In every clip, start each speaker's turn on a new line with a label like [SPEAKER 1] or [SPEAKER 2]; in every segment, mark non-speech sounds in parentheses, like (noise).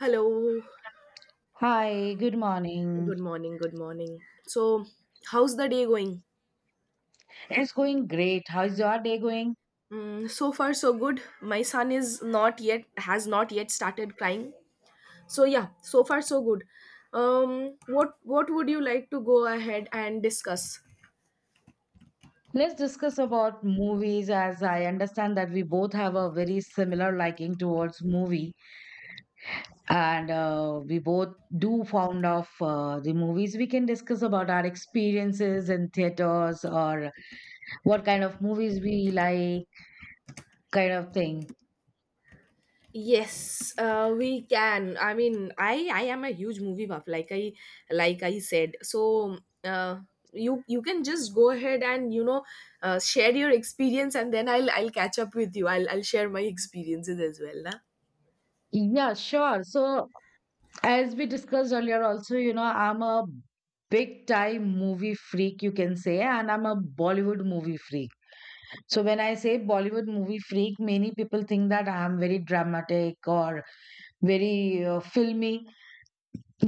[SPEAKER 1] Hello.
[SPEAKER 2] Hi, good morning.
[SPEAKER 1] Good morning. Good morning. So, how's the day going?
[SPEAKER 2] It's going great. How's your day going?
[SPEAKER 1] Mm, so far, so good. My son is not yet has not yet started crying. So yeah, so far so good. What would you like to go ahead and discuss?
[SPEAKER 2] Let's discuss about movies as I understand that we both have a very similar liking towards movie and we both do fond of the movies. We can discuss about our experiences in theaters or what kind of movies we like, kind of thing.
[SPEAKER 1] Yes, we can. I mean, I am a huge movie buff, like I said. So you can just go ahead and share your experience, and then I'll catch up with you. I'll share my experiences as well. Na?
[SPEAKER 2] Yeah, sure. So as we discussed earlier also, you know, I'm a big time movie freak, you can say, and I'm a Bollywood movie freak. So when I say Bollywood movie freak, many people think that I am very dramatic or very filmy.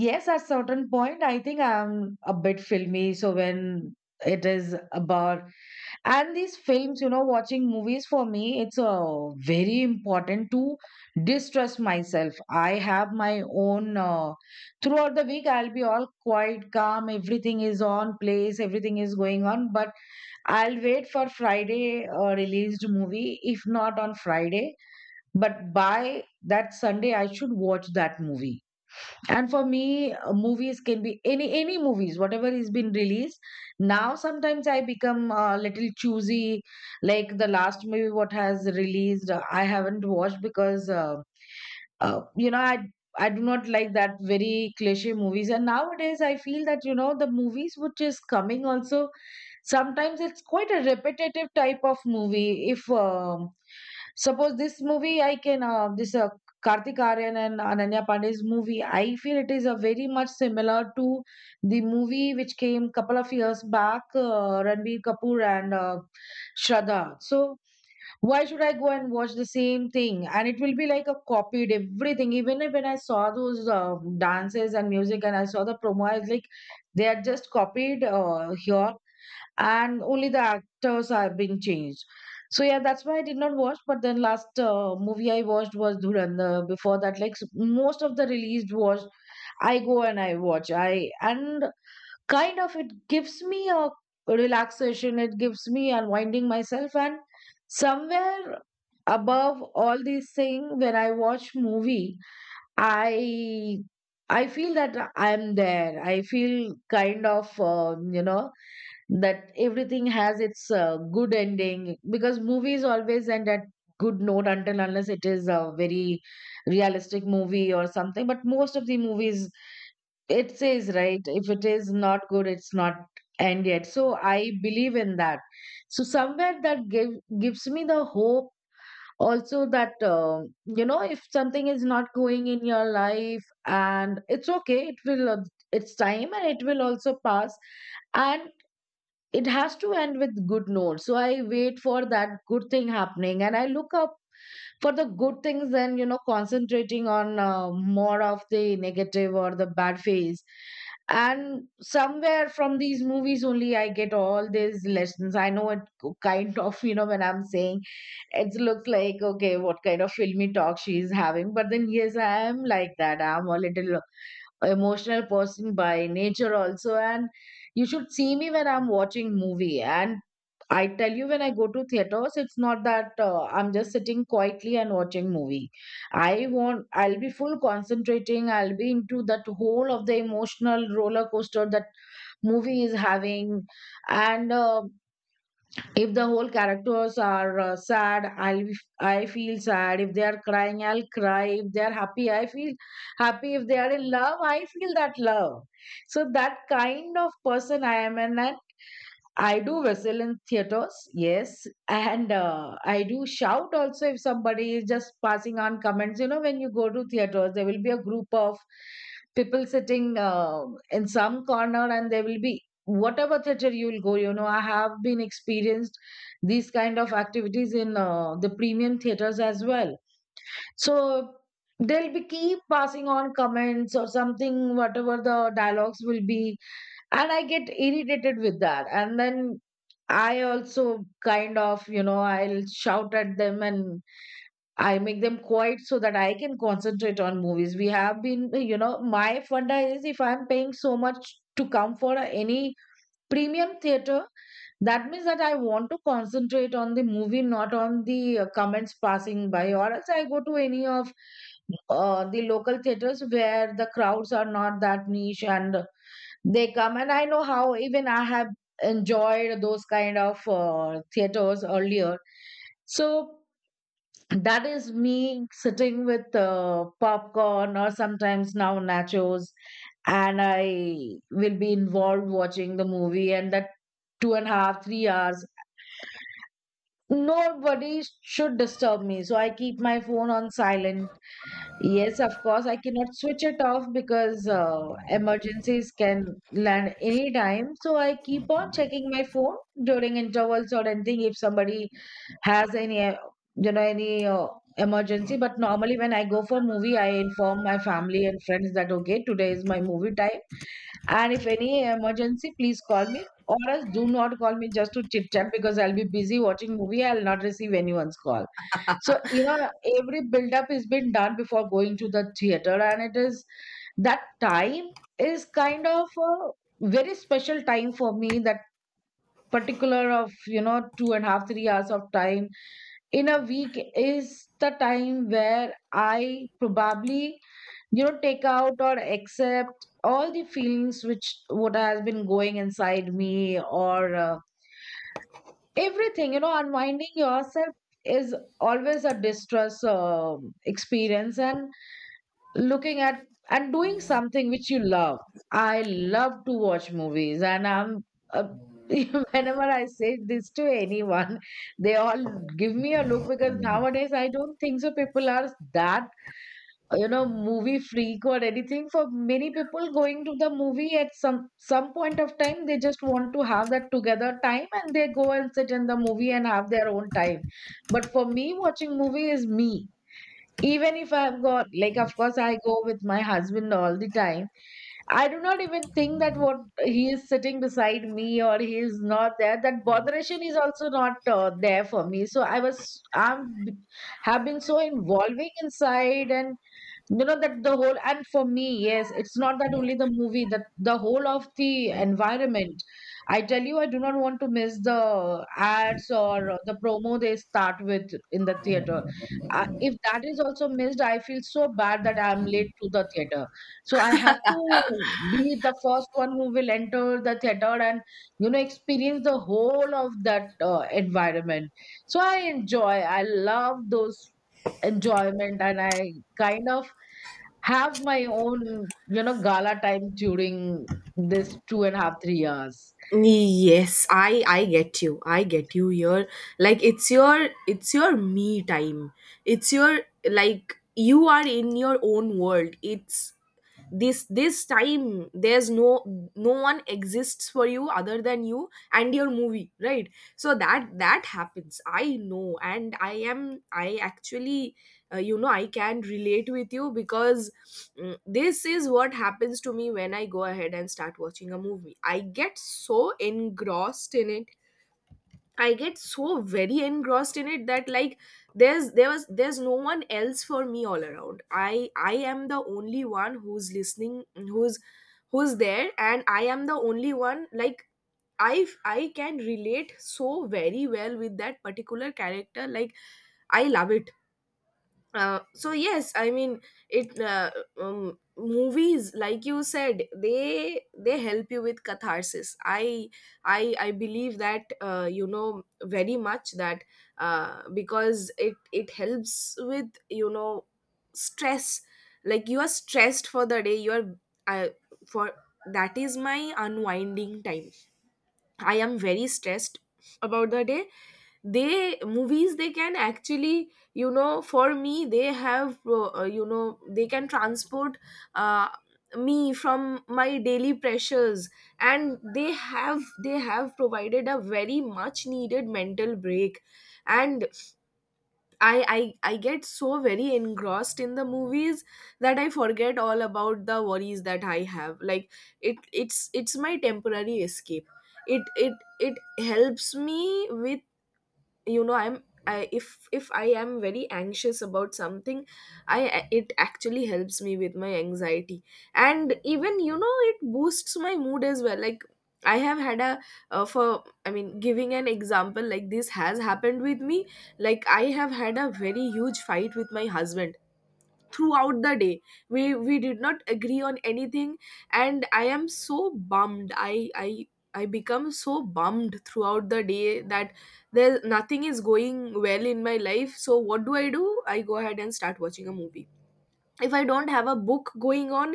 [SPEAKER 2] Yes, at certain point I think I'm a bit filmy. So when it is about and these films, you know, watching movies for me, it's very important to distress myself. I have my own throughout the week I'll be all quite calm, everything is on place, everything is going on, but I'll wait for Friday released movie, if not on Friday, but by that Sunday I should watch that movie. And for me, movies can be any movies, whatever is been released. Now sometimes I become a little choosy. Like the last movie what has released, I haven't watched because you know, I do not like that very cliche movies, and nowadays I feel that, you know, the movies which is coming also, sometimes it's quite a repetitive type of movie. If suppose this movie I can this Kartik Aryan and Ananya Pandey's movie, I feel it is a very much similar to the movie which came couple of years back, Ranbir Kapoor and Shraddha. So why should I go and watch the same thing? And it will be like a copied everything. Even if when I saw those dances and music and I saw the promo, I was like, they are just copied here, and only the actors are being changed. So yeah, that's why I did not watch. But then last movie I watched was Dhurandhar. Before that, like most of the released was I go and I watch. I and kind of it gives me a relaxation, it gives me unwinding myself, and somewhere above all these things when I watch movie, i I feel that I'm there, I feel kind of you know, that everything has its good ending, because movies always end at good note, until unless it is a very realistic movie or something, but most of the movies, it says right, if it is not good, it's not end yet, so I believe in that. So somewhere that gives me the hope also that, you know, if something is not going in your life, and it's okay, it's time and it will also pass, and it has to end with good note, so I wait for that good thing happening and I look up for the good things, and you know, concentrating on more of the negative or the bad phase. And somewhere from these movies only I get all these lessons. I know it kind of, you know, when I'm saying it looks like okay, what kind of filmy talk she's having, but then yes, I am like that. I'm a little emotional person by nature also, and you should see me when I'm watching movie. And I tell you, when I go to theaters, it's not that I'm just sitting quietly and watching movie. I'll be full concentrating. I'll be into that whole of the emotional roller coaster that movie is having. And if the whole characters are sad, I feel sad. If they are crying, I'll cry. If they are happy, I feel happy. If they are in love, I feel that love. So that kind of person I am, and I do whistle in theaters, yes, and I do shout also if somebody is just passing on comments. You know, when you go to theaters, there will be a group of people sitting in some corner, and there will be whatever theater you will go. You know, I have been experienced these kind of activities in the premium theaters as well. So they'll be keep passing on comments or something, whatever the dialogues will be, and I get irritated with that, and then I also kind of, you know, I'll shout at them and I make them quiet so that I can concentrate on movies. We have been, you know, my funda is if I'm paying so much to come for any premium theater, that means that I want to concentrate on the movie, not on the comments passing by, or else I go to any of the local theaters where the crowds are not that niche, and they come, and I know how even I have enjoyed those kind of theaters earlier. So that is me sitting with popcorn or sometimes now nachos, and I will be involved watching the movie, and that 2.5, 3 hours. Nobody should disturb me, so I keep my phone on silent. Yes, of course. I cannot switch it off because emergencies can land anytime. So I keep on checking my phone during intervals or anything if somebody has any, you know, any emergency. But normally when I go for movie, I inform my family and friends that okay, today is my movie time, and if any emergency, please call me. Or else do not call me just to chit chat because I'll be busy watching movie. I'll not receive anyone's call. So, you know, every build-up is been done before going to the theater, and it is that time is kind of a very special time for me. That particular of, you know, 2.5, 3 hours of time in a week is the time where I probably, you know, take out or accept all the feelings which what has been going inside me or everything, you know, unwinding yourself is always a distress experience, and looking at and doing something which you love, I love to watch movies, and I'm uh, (laughs) whenever I say this to anyone, they all give me a look, because nowadays I don't think so people are that, you know, movie freak or anything. For many people going to the movie at some point of time, they just want to have that together time, and they go and sit in the movie and have their own time. But for me watching movie is me, even if I've got, like, of course I go with my husband all the time, I do not even think that what he is sitting beside me or he is not there, that botheration is also not there for me. So I'm have been so involving inside, and, you know, that the whole, and for me, yes, it's not that only the movie, that the whole of the environment. I tell you, I do not want to miss the ads or the promo they start with in the theater. If that is also missed, I feel so bad that I'm late to the theater. So I have to be the first one who will enter the theater and, you know, experience the whole of that environment. So I enjoy, I love those enjoyment, and I kind of have my own, you know, gala time during this 2.5, 3 years.
[SPEAKER 1] Yes, I get you, I get you here, like it's your, it's your me time. It's your, like you are in your own world. It's this time. There's no, no one exists for you other than you and your movie, right? So that happens. I know, and I am, I actually, I can relate with you because, mm, this is what happens to me when I go ahead and start watching a movie. I get so engrossed in it. I get so very engrossed in it that, like, there's, there was, there's no one else for me all around. I am the only one who's listening, who's, who's there, and I am the only one, like, I can relate so very well with that particular character. Like, I love it. So yes, I mean, it, movies, like you said, they help you with catharsis. I believe that, very much, that, because it helps with, you know, stress. Like you are stressed for the day, you are, uh, for, that is my unwinding time. I am very stressed about the day. They Movies, they can actually, you know, for me, they have, they can transport, uh, me from my daily pressures, and they have provided a very much needed mental break. And I get so very engrossed in the movies that I forget all about the worries that I have. Like, it's my temporary escape. it it it helps me with, you know, I'm, I if I am very anxious about something, I it actually helps me with my anxiety. And even, you know, it boosts my mood as well. Like, I have had a, for, I mean, giving an example, like this has happened with me. Like, I have had a very huge fight with my husband throughout the day. We did not agree on anything, and I am so bummed. I become so bummed throughout the day that there, nothing is going well in my life. So what do I do? I go ahead and start watching a movie. If I don't have a book going on,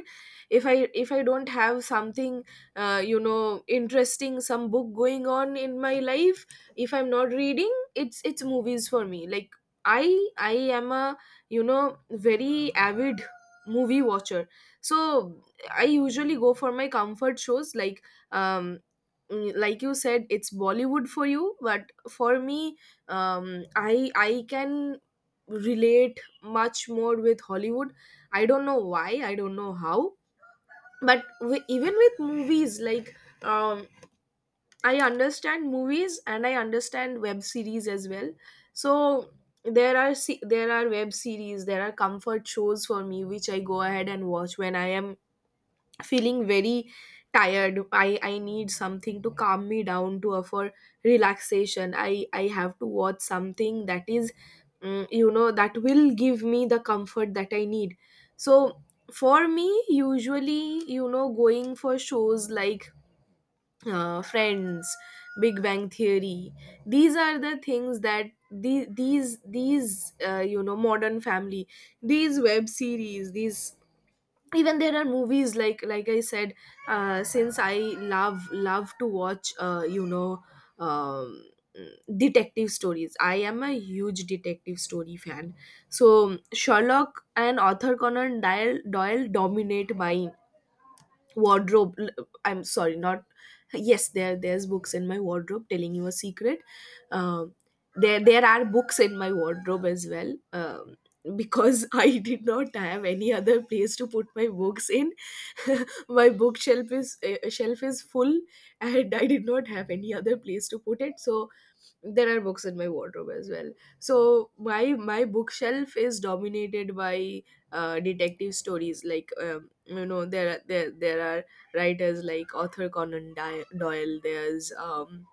[SPEAKER 1] if i if I don't have something, you know, interesting, some book going on in my life, if I'm not reading, it's movies for me. Like, I I am a, you know, very avid movie watcher. So I usually go for my comfort shows, like, um, mm, like you said, it's Bollywood for you, but for me, um, I can relate much more with Hollywood. I don't know why, I don't know how, but w- even with movies, like, um, I understand movies and I understand web series as well. So there are se- there are web series, there are comfort shows for me which I go ahead and watch when I am feeling very tired. I need something to calm me down, to offer relaxation. I have to watch something that is, mm, you know, that will give me the comfort that I need. So for me, usually, you know, going for shows like, Friends, Big Bang Theory, these are the things that the, these you know, Modern Family, these web series, these, even there are movies, like I said, since I love love to watch, um, detective stories. I am a huge detective story fan. So Sherlock and Arthur Conan Doyle dominate my wardrobe. L- I'm sorry, not, yes, there, there's books in my wardrobe, telling you a secret. Um, there are books in my wardrobe as well, because (laughs) I did not have any other place to put my books in. (laughs) My bookshelf is, shelf is full, and I did not have any other place to put it, so there are books in my wardrobe as well. So my my bookshelf is dominated by, detective stories, like, you know, there are there, there are writers like Author Conan Di- Doyle, there's,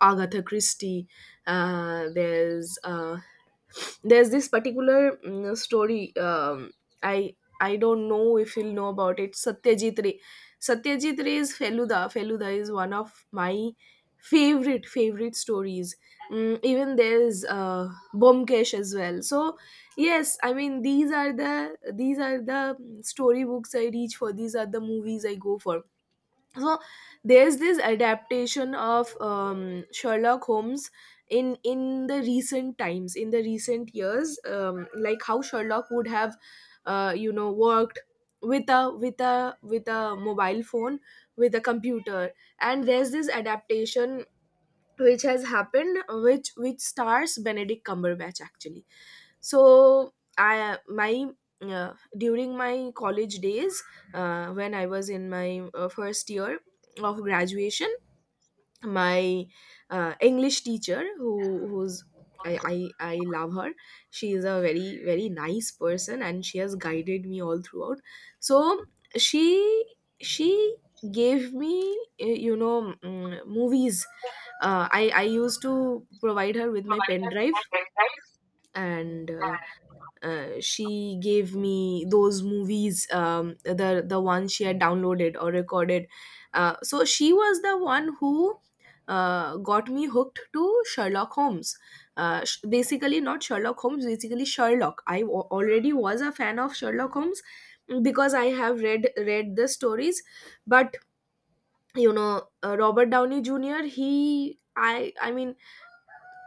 [SPEAKER 1] Agatha Christie, there's, there's this particular, mm, story, i I don't know if you'll know about it, Satyajit Ray, Satyajit Ray's Feluda is one of my favorite stories. Mm, even there's, Bomkesh as well. So yes, I mean, these are the story books I reach for, these are the movies I go for. So there's this adaptation of, Sherlock Holmes, in the recent times, in the recent years, like how Sherlock would have, worked with a, with a, with a mobile phone, with a computer. And there's this adaptation which has happened, which stars Benedict Cumberbatch, actually. So I my during my college days, when I was in my, first year of graduation, my, English teacher, who, who's, I love her. She is a very nice person and she has guided me all throughout. So she she gave me, movies, I used to provide her with my pen drive, and she gave me those movies, the ones she had downloaded or recorded. So she was the one who, got me hooked to Sherlock Holmes. Sh- basically, not Sherlock Holmes, basically Sherlock. I wa- already was a fan of Sherlock Holmes because I have read the stories, but you know, Robert Downey Jr. He, I mean,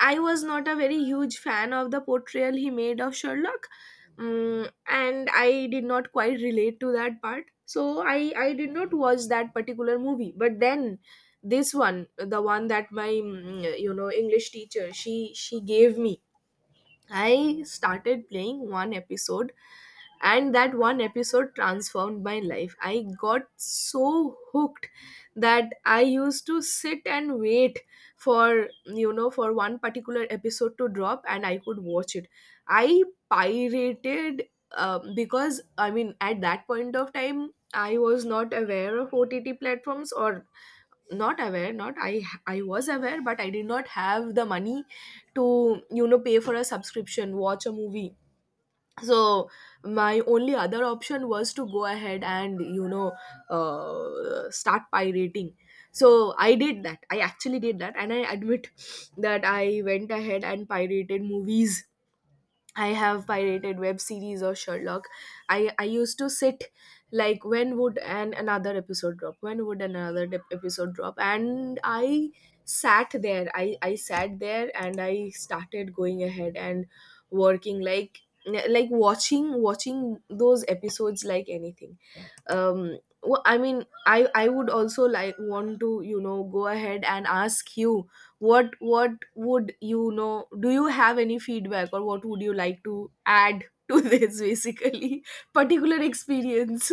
[SPEAKER 1] I was not a very huge fan of the portrayal he made of Sherlock, mm, and I did not quite relate to that part. So I did not watch that particular movie. But then this one, the one that my, mm, you know, English teacher, she gave me, I started playing one episode, and that one episode transformed my life. I got so hooked that I used to sit and wait for, you know, for one particular episode to drop and I could watch it. I pirated, because, I mean, at that point of time, I was not aware of OTT platforms, or not aware, not, I was aware, but I did not have the money to, you know, pay for a subscription, watch a movie. So my only other option was to go ahead and, you know, start pirating. So I did that, I actually did that, and I admit that I went ahead and pirated movies. I have pirated web series or Sherlock. I used to sit, like, when would an another episode drop? When would another dep- episode drop? And I sat there. I sat there and I started going ahead and working, like watching those episodes like anything. Um, wh- I mean, I would also like, want to, you know, go ahead and ask you, what would, you know, do you have any feedback or what would you like to add to (laughs) this, basically, particular experience?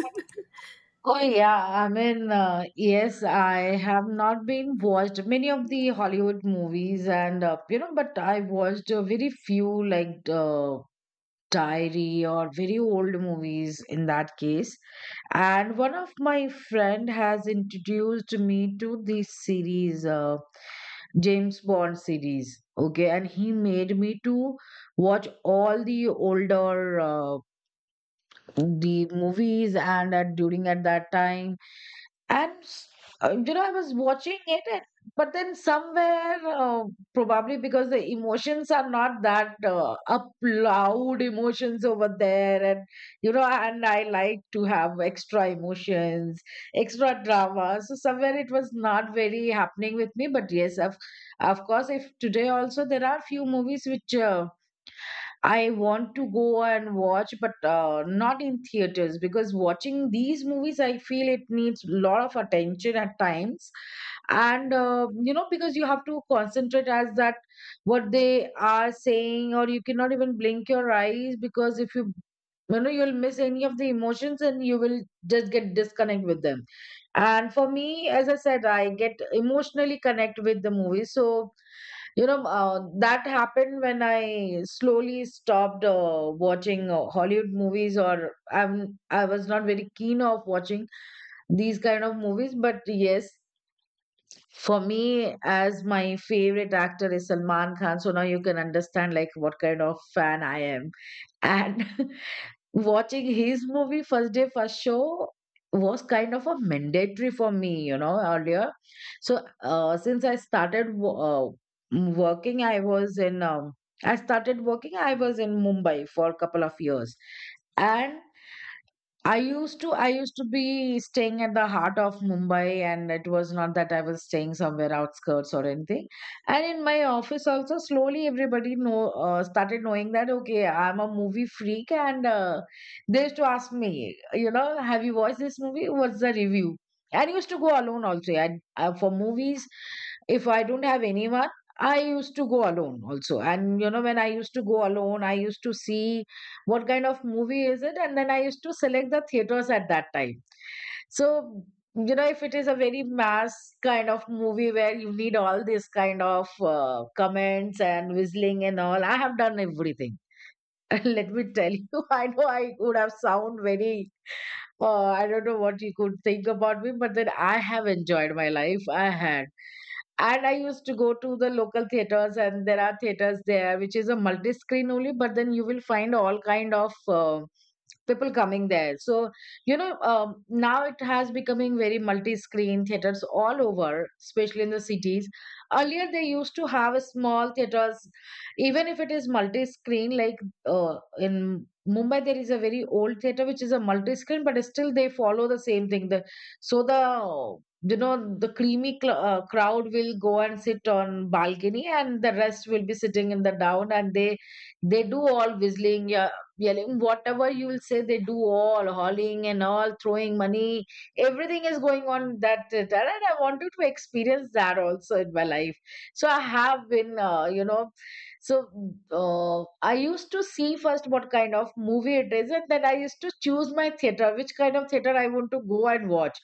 [SPEAKER 2] Oh yeah, I mean, yes, I have not been watched many of the Hollywood movies, and you know, but I watched very few, like Diary or very old movies in that case. And one of my friend has introduced me to this series. James Bond series. Okay, and he made me to watch all the older the movies, and at during at that time and you know, I was watching it, and, but then somewhere, probably because the emotions are not that up loud emotions over there, and, you know, and I like to have extra emotions, extra drama. So somewhere it was not very happening with me. But yes, of course, if today also there are few movies which I want to go and watch, but not in theaters because watching these movies, I feel it needs a lot of attention at times. And, you know, because you have to concentrate as that what they are saying, or you cannot even blink your eyes because if you, you know, you'll miss any of the emotions and you will just get disconnect with them. And for me, as I said, I get emotionally connect with the movie. So that happened when I slowly stopped watching Hollywood movies, or I was not very keen of watching these kind of movies. But yes, for me, as my favorite actor is Salman Khan, so now you can understand like what kind of fan I am, and (laughs) watching his movie first day first show was kind of a mandatory for me earlier. So since I started working, I was in I started working, I was in Mumbai for a couple of years. And I used to be staying at the heart of Mumbai, and it was not that I was staying somewhere outskirts or anything. And in my office also slowly everybody know started knowing that okay I'm a movie freak, and they used to ask me, have you watched this movie, what's the review? And I used to go alone also. For movies, if I don't have anyone, I used to go alone also. And you know, when I used to go alone, I used to see what kind of movie is it, and then I used to select the theaters at that time. So you know, if it is a very mass kind of movie where you need all this kind of comments and whistling and all, I have done everything. (laughs) Let me tell you, (laughs) I know I would have sound very I don't know what you could think about me, but then I have enjoyed my life. I had. And I used to go to the local theaters, and there are theaters there, which is a multi-screen only, but then you will find all kind of people coming there. So, now it has becoming very multi-screen theaters all over, especially in the cities. Earlier, they used to have a small theaters, even if it is multi-screen, like in Mumbai, there is a very old theater which is a multi-screen, but still they follow the same thing. The, so the you know the creamy crowd will go and sit on balcony, and the rest will be sitting in the down, and they do all whistling, yeah, yelling, whatever you will say, they do all hauling and all throwing money. Everything is going on that theater, and I wanted to experience that also in my life. So I have been, so I used to see first what kind of movie it is, and then I used to choose my theater, which kind of theater I want to go and watch.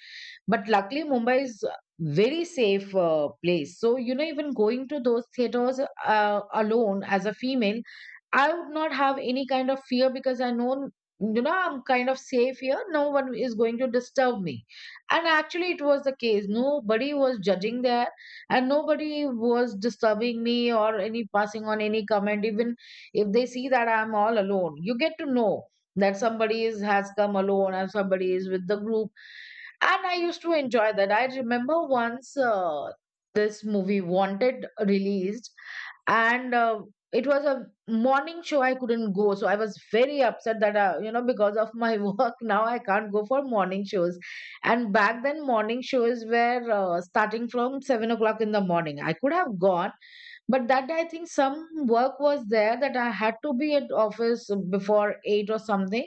[SPEAKER 2] But luckily, Mumbai is a very safe place. So you know, even going to those theaters alone as a female, I would not have any kind of fear because I know. You know, I'm kind of safe here. No one is going to disturb me. And actually, it was the case. Nobody was judging there, and nobody was disturbing me or any passing on any comment even if they see that I'm all alone. You get to know that somebody is has come alone and somebody is with the group, and I used to enjoy that. I remember once this movie Wanted released, and it was a morning show. I couldn't go, so I was very upset that you know, because of my (laughs) work, now I can't go for morning shows. And back then, morning shows were starting from 7 o'clock in the morning. I could have gone, but that day I think some work was there that I had to be at office before eight or something,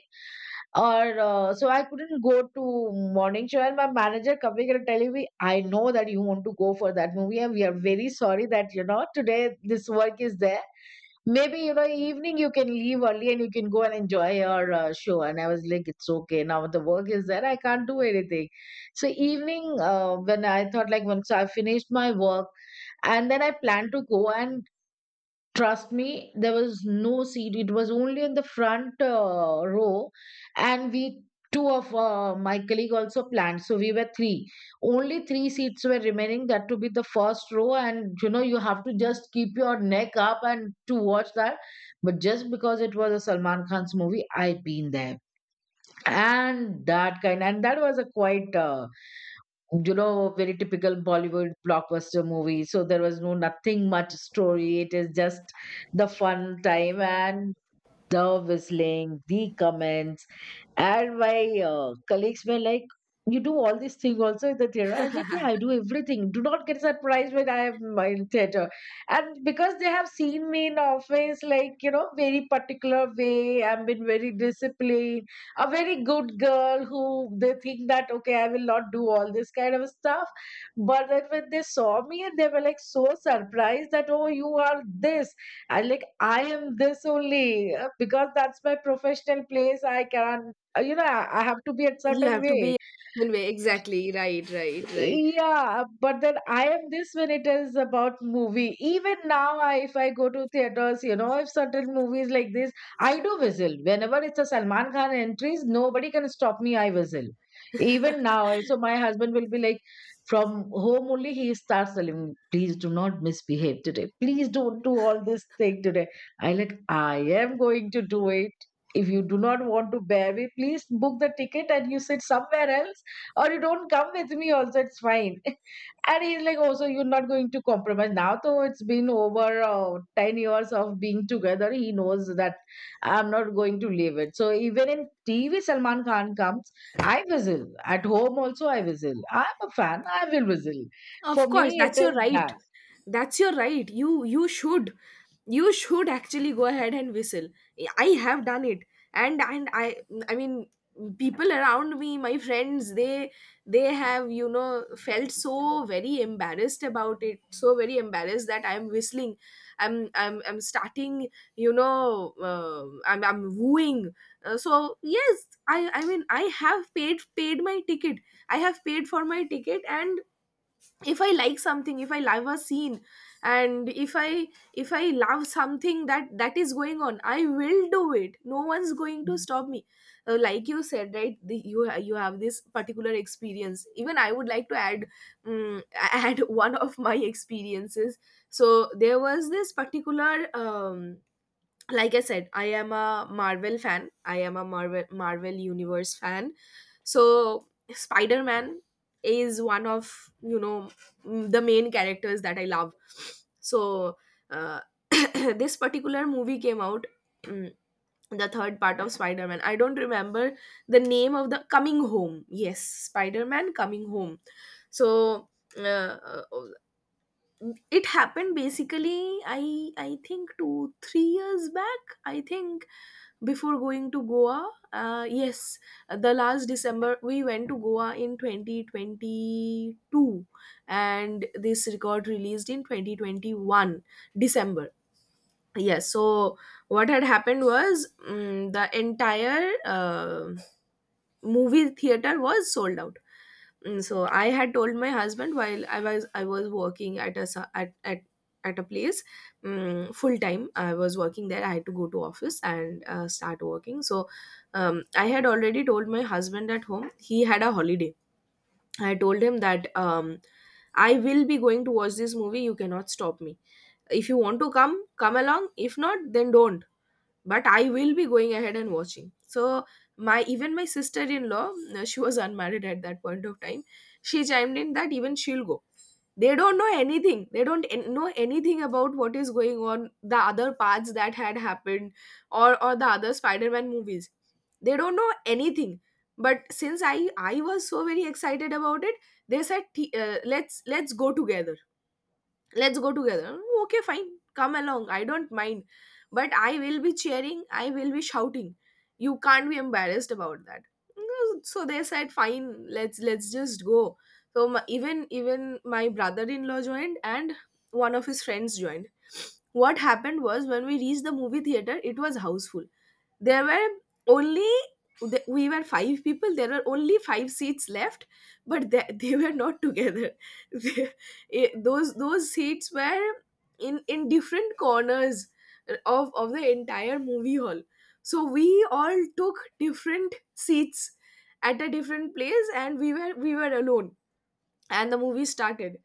[SPEAKER 2] or so I couldn't go to morning show. And my manager coming and telling me, I know that you want to go for that movie, and we are very sorry that you know today this work is there. Maybe you know evening you can leave early and you can go and enjoy your show. And I was like, it's okay. Now the work is there. I can't do anything. So evening when I thought like once I finished my work and then I planned to go and trust me, there was no seat. It was only in the front row, and we two of my colleague also planned. So we were three. Only three seats were remaining. That to be the first row, and you know you have to just keep your neck up and to watch that. But just because it was a Salman Khan's movie, I been there, and that kind, and that was a quite. You know, very typical Bollywood blockbuster movie. So there was no nothing much story. It is just the fun time, and the whistling, the comments. And my colleagues were like, you do all these things also in the theater. I was like, yeah, I
[SPEAKER 1] (laughs)
[SPEAKER 2] do everything. Do not get surprised when I am in theater. And because they have seen me in office, like, you know, very particular way, I've been very disciplined, a very good girl who they think that, okay, I will not do all this kind of stuff. But then when they saw me, and they were like so surprised that, oh, you are this. I like I am this only because that's my professional place. I can, you know, I have to be a
[SPEAKER 1] You
[SPEAKER 2] certain
[SPEAKER 1] have to be
[SPEAKER 2] way.
[SPEAKER 1] in way, exactly, right, right, right.
[SPEAKER 2] Yeah, but then I am this when it is about movie. Even now, I, if I go to theaters, you know, if certain movies like this, I do whistle. Whenever it's a Salman Khan entries, nobody can stop me. I whistle. Even now, I- so my husband will be like, from home only, he starts telling me, please do not misbehave today. Please don't do all this thing today. I like, I am going to do it. If you do not want to bear me, please book the ticket and you sit somewhere else, or you don't come with me also, it's fine. (laughs) And he's like, oh, so you're not going to compromise now, though it's been over 10 years of being together. He knows that I'm not going to leave it. So even in TV Salman Khan comes, I whistle. At home also I whistle. I'm a fan, I will whistle.
[SPEAKER 1] Of
[SPEAKER 2] For me
[SPEAKER 1] course, that's
[SPEAKER 2] it
[SPEAKER 1] your
[SPEAKER 2] is
[SPEAKER 1] right.
[SPEAKER 2] that,
[SPEAKER 1] That's your right. You should, you should actually go ahead and whistle. I have done it, and I mean, people around me, my friends, they have, you know, felt so very embarrassed about it, so very embarrassed that I'm whistling. I'm starting, you know, I'm wooing. So yes, I mean, I have paid my ticket. I have paid for my ticket, and if I like something, if I love a scene, and if I love something that is going on, I will do it. No one's going to stop me. Like you said, right, you have this particular experience. Even I would like to add um, (laughs) add one of my experiences. So there was this particular, um like I said, I am a Marvel fan. I am a Marvel universe fan. So Spider-Man is one of the main characters that I love. So uh, (coughs) (clears throat) this particular movie came out, mm, the third part of Spider-Man. I don't remember the name of the, coming home, yes, Spider-Man coming home. So uh, uh, it happened basically, I think 2 3 years back, I think, before going to Goa, yes, the last December we went to Goa in 2022, and this record released in 2021 December. Yes. So what had happened was, the entire movie theater was sold out. Mm, so I had told my husband while I was working at a su- at a place, full time. I was working there. I had to go to office and start working. So I had already told my husband at home. He had a holiday. I told him that I will be going to watch this movie. You cannot stop me. If you want to come, come along. If not, then don't. But I will be going ahead and watching. So my even my sister-in-law, she was (laughs) unmarried at that point of time. She chimed in that even she'll go. They don't know anything. They don't know anything about what is going on, the other parts that had happened, or the other Spider-Man movies. They don't know anything. But since I was so very excited about it, they said, Let's go together. Let's go together. Okay, fine, come along. I don't mind. But I will be cheering. I will be shouting. You can't be embarrassed about that." So they said, fine, let's just go. So even my brother-in-law joined, and one of his friends joined. What happened was, when we reached the movie theater, it was houseful. There were only we were five people. There were only five seats left, but (laughs) they were not together. (laughs) They- those seats were in different corners of the entire movie hall. So we all took different seats at a different place, and we were alone. And the movie started.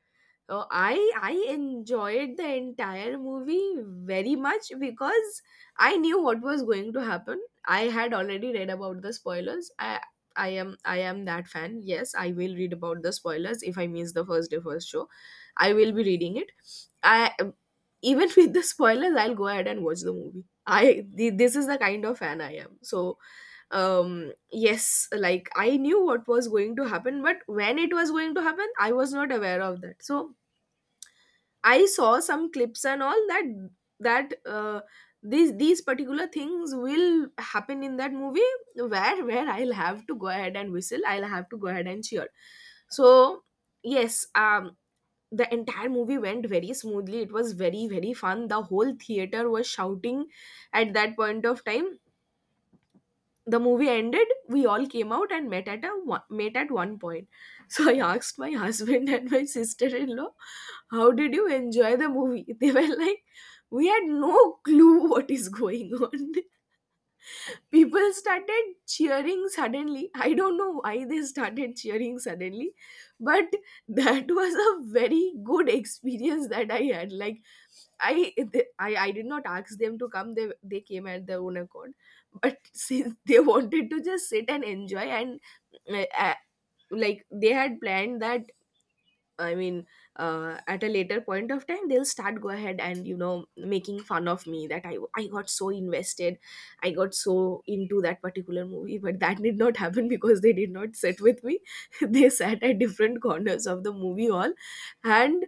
[SPEAKER 1] I enjoyed the entire movie very much, because I knew what was going to happen. I had already read about the spoilers. I am that fan. Yes, I will read about the spoilers if I miss the first day first show. I will be reading it. I even (laughs) with the spoilers, I'll go ahead and watch the movie. This is the kind of fan I am. So um yes, like I knew what was going to happen, but when it was going to happen, I was not aware of that. So I saw some clips and all that, that these particular things will happen in that movie, where I'll have to go ahead and whistle. I'll have to go ahead and cheer. So yes, the entire movie went very smoothly. It was very, very fun. The whole theater was shouting at that point of time. The movie ended. We all came out and met met at one point. So I asked my husband (laughs) and my sister-in-law, how did you enjoy the movie? (laughs) They were like, we had no clue what is going on. People started cheering suddenly. I don't know why they started cheering suddenly. But (laughs) that was a very good experience that I had, like, I, th- I did not ask them to come. They came at their own accord. But (laughs) since they wanted to just sit and enjoy, and uh, uh, like they had planned that, I mean, at a later point of time, they'll start go ahead and making fun of me that I got so invested, I got so into that particular movie. But that did not happen, because they did not sit with me. (laughs) They sat at different corners of the movie hall. And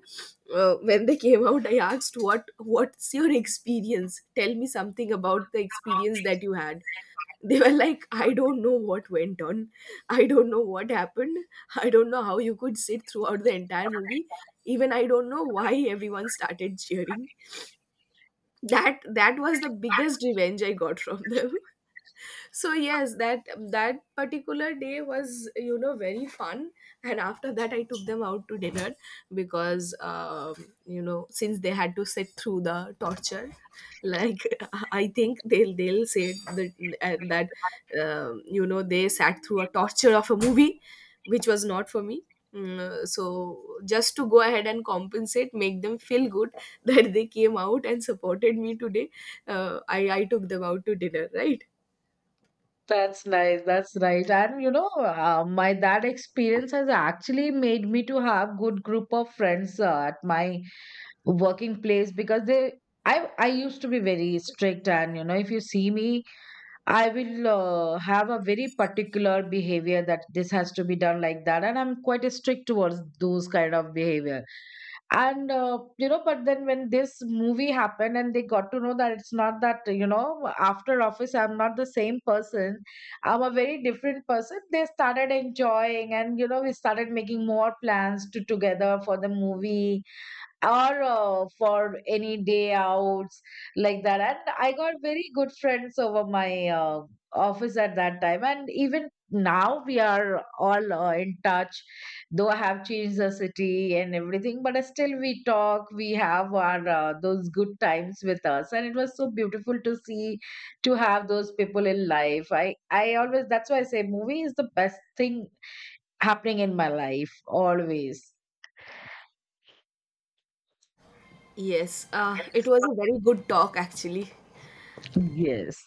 [SPEAKER 1] when they came out, I asked, what's your experience? Tell me something about the experience that you had. They were like, I don't know what went on. I don't know what happened. I don't know how you could sit throughout the entire movie. Even I don't know why everyone started cheering. That was the biggest revenge I got from them. (laughs) So yes, that particular day was, very fun. And after that, I took them out to dinner, because since they had to sit through the torture, like, (laughs) I think they'll say that uh, that they sat through a torture of a movie, which was not for me. Mm, so just to go ahead and compensate, make them feel good, (laughs) that they came out and supported me today, I took them out to dinner, right?
[SPEAKER 2] that's nice, that's right. And you know, my that experience has actually made me to have good group of friends at my working place, because they I used to be very strict, and you know if you see me, I will have a very particular behavior that this has to be done like that, and I'm quite strict towards those kind of behavior. And you know, but then when this movie happened and they got to know that it's not that, you know, after office I'm not the same person, I'm a very different person, they started enjoying, and you know we started making more plans to together for the movie, or for any day outs like that. And I got very good friends over my office at that time, and even now we are all in touch. Though I have changed the city and everything, but still we talk, we have our those good times with us, and it was so beautiful to see to have those people in life. I always, that's why I say, movie is the best thing happening in my life always.
[SPEAKER 1] Yes, it was a very good talk actually.
[SPEAKER 2] Yes.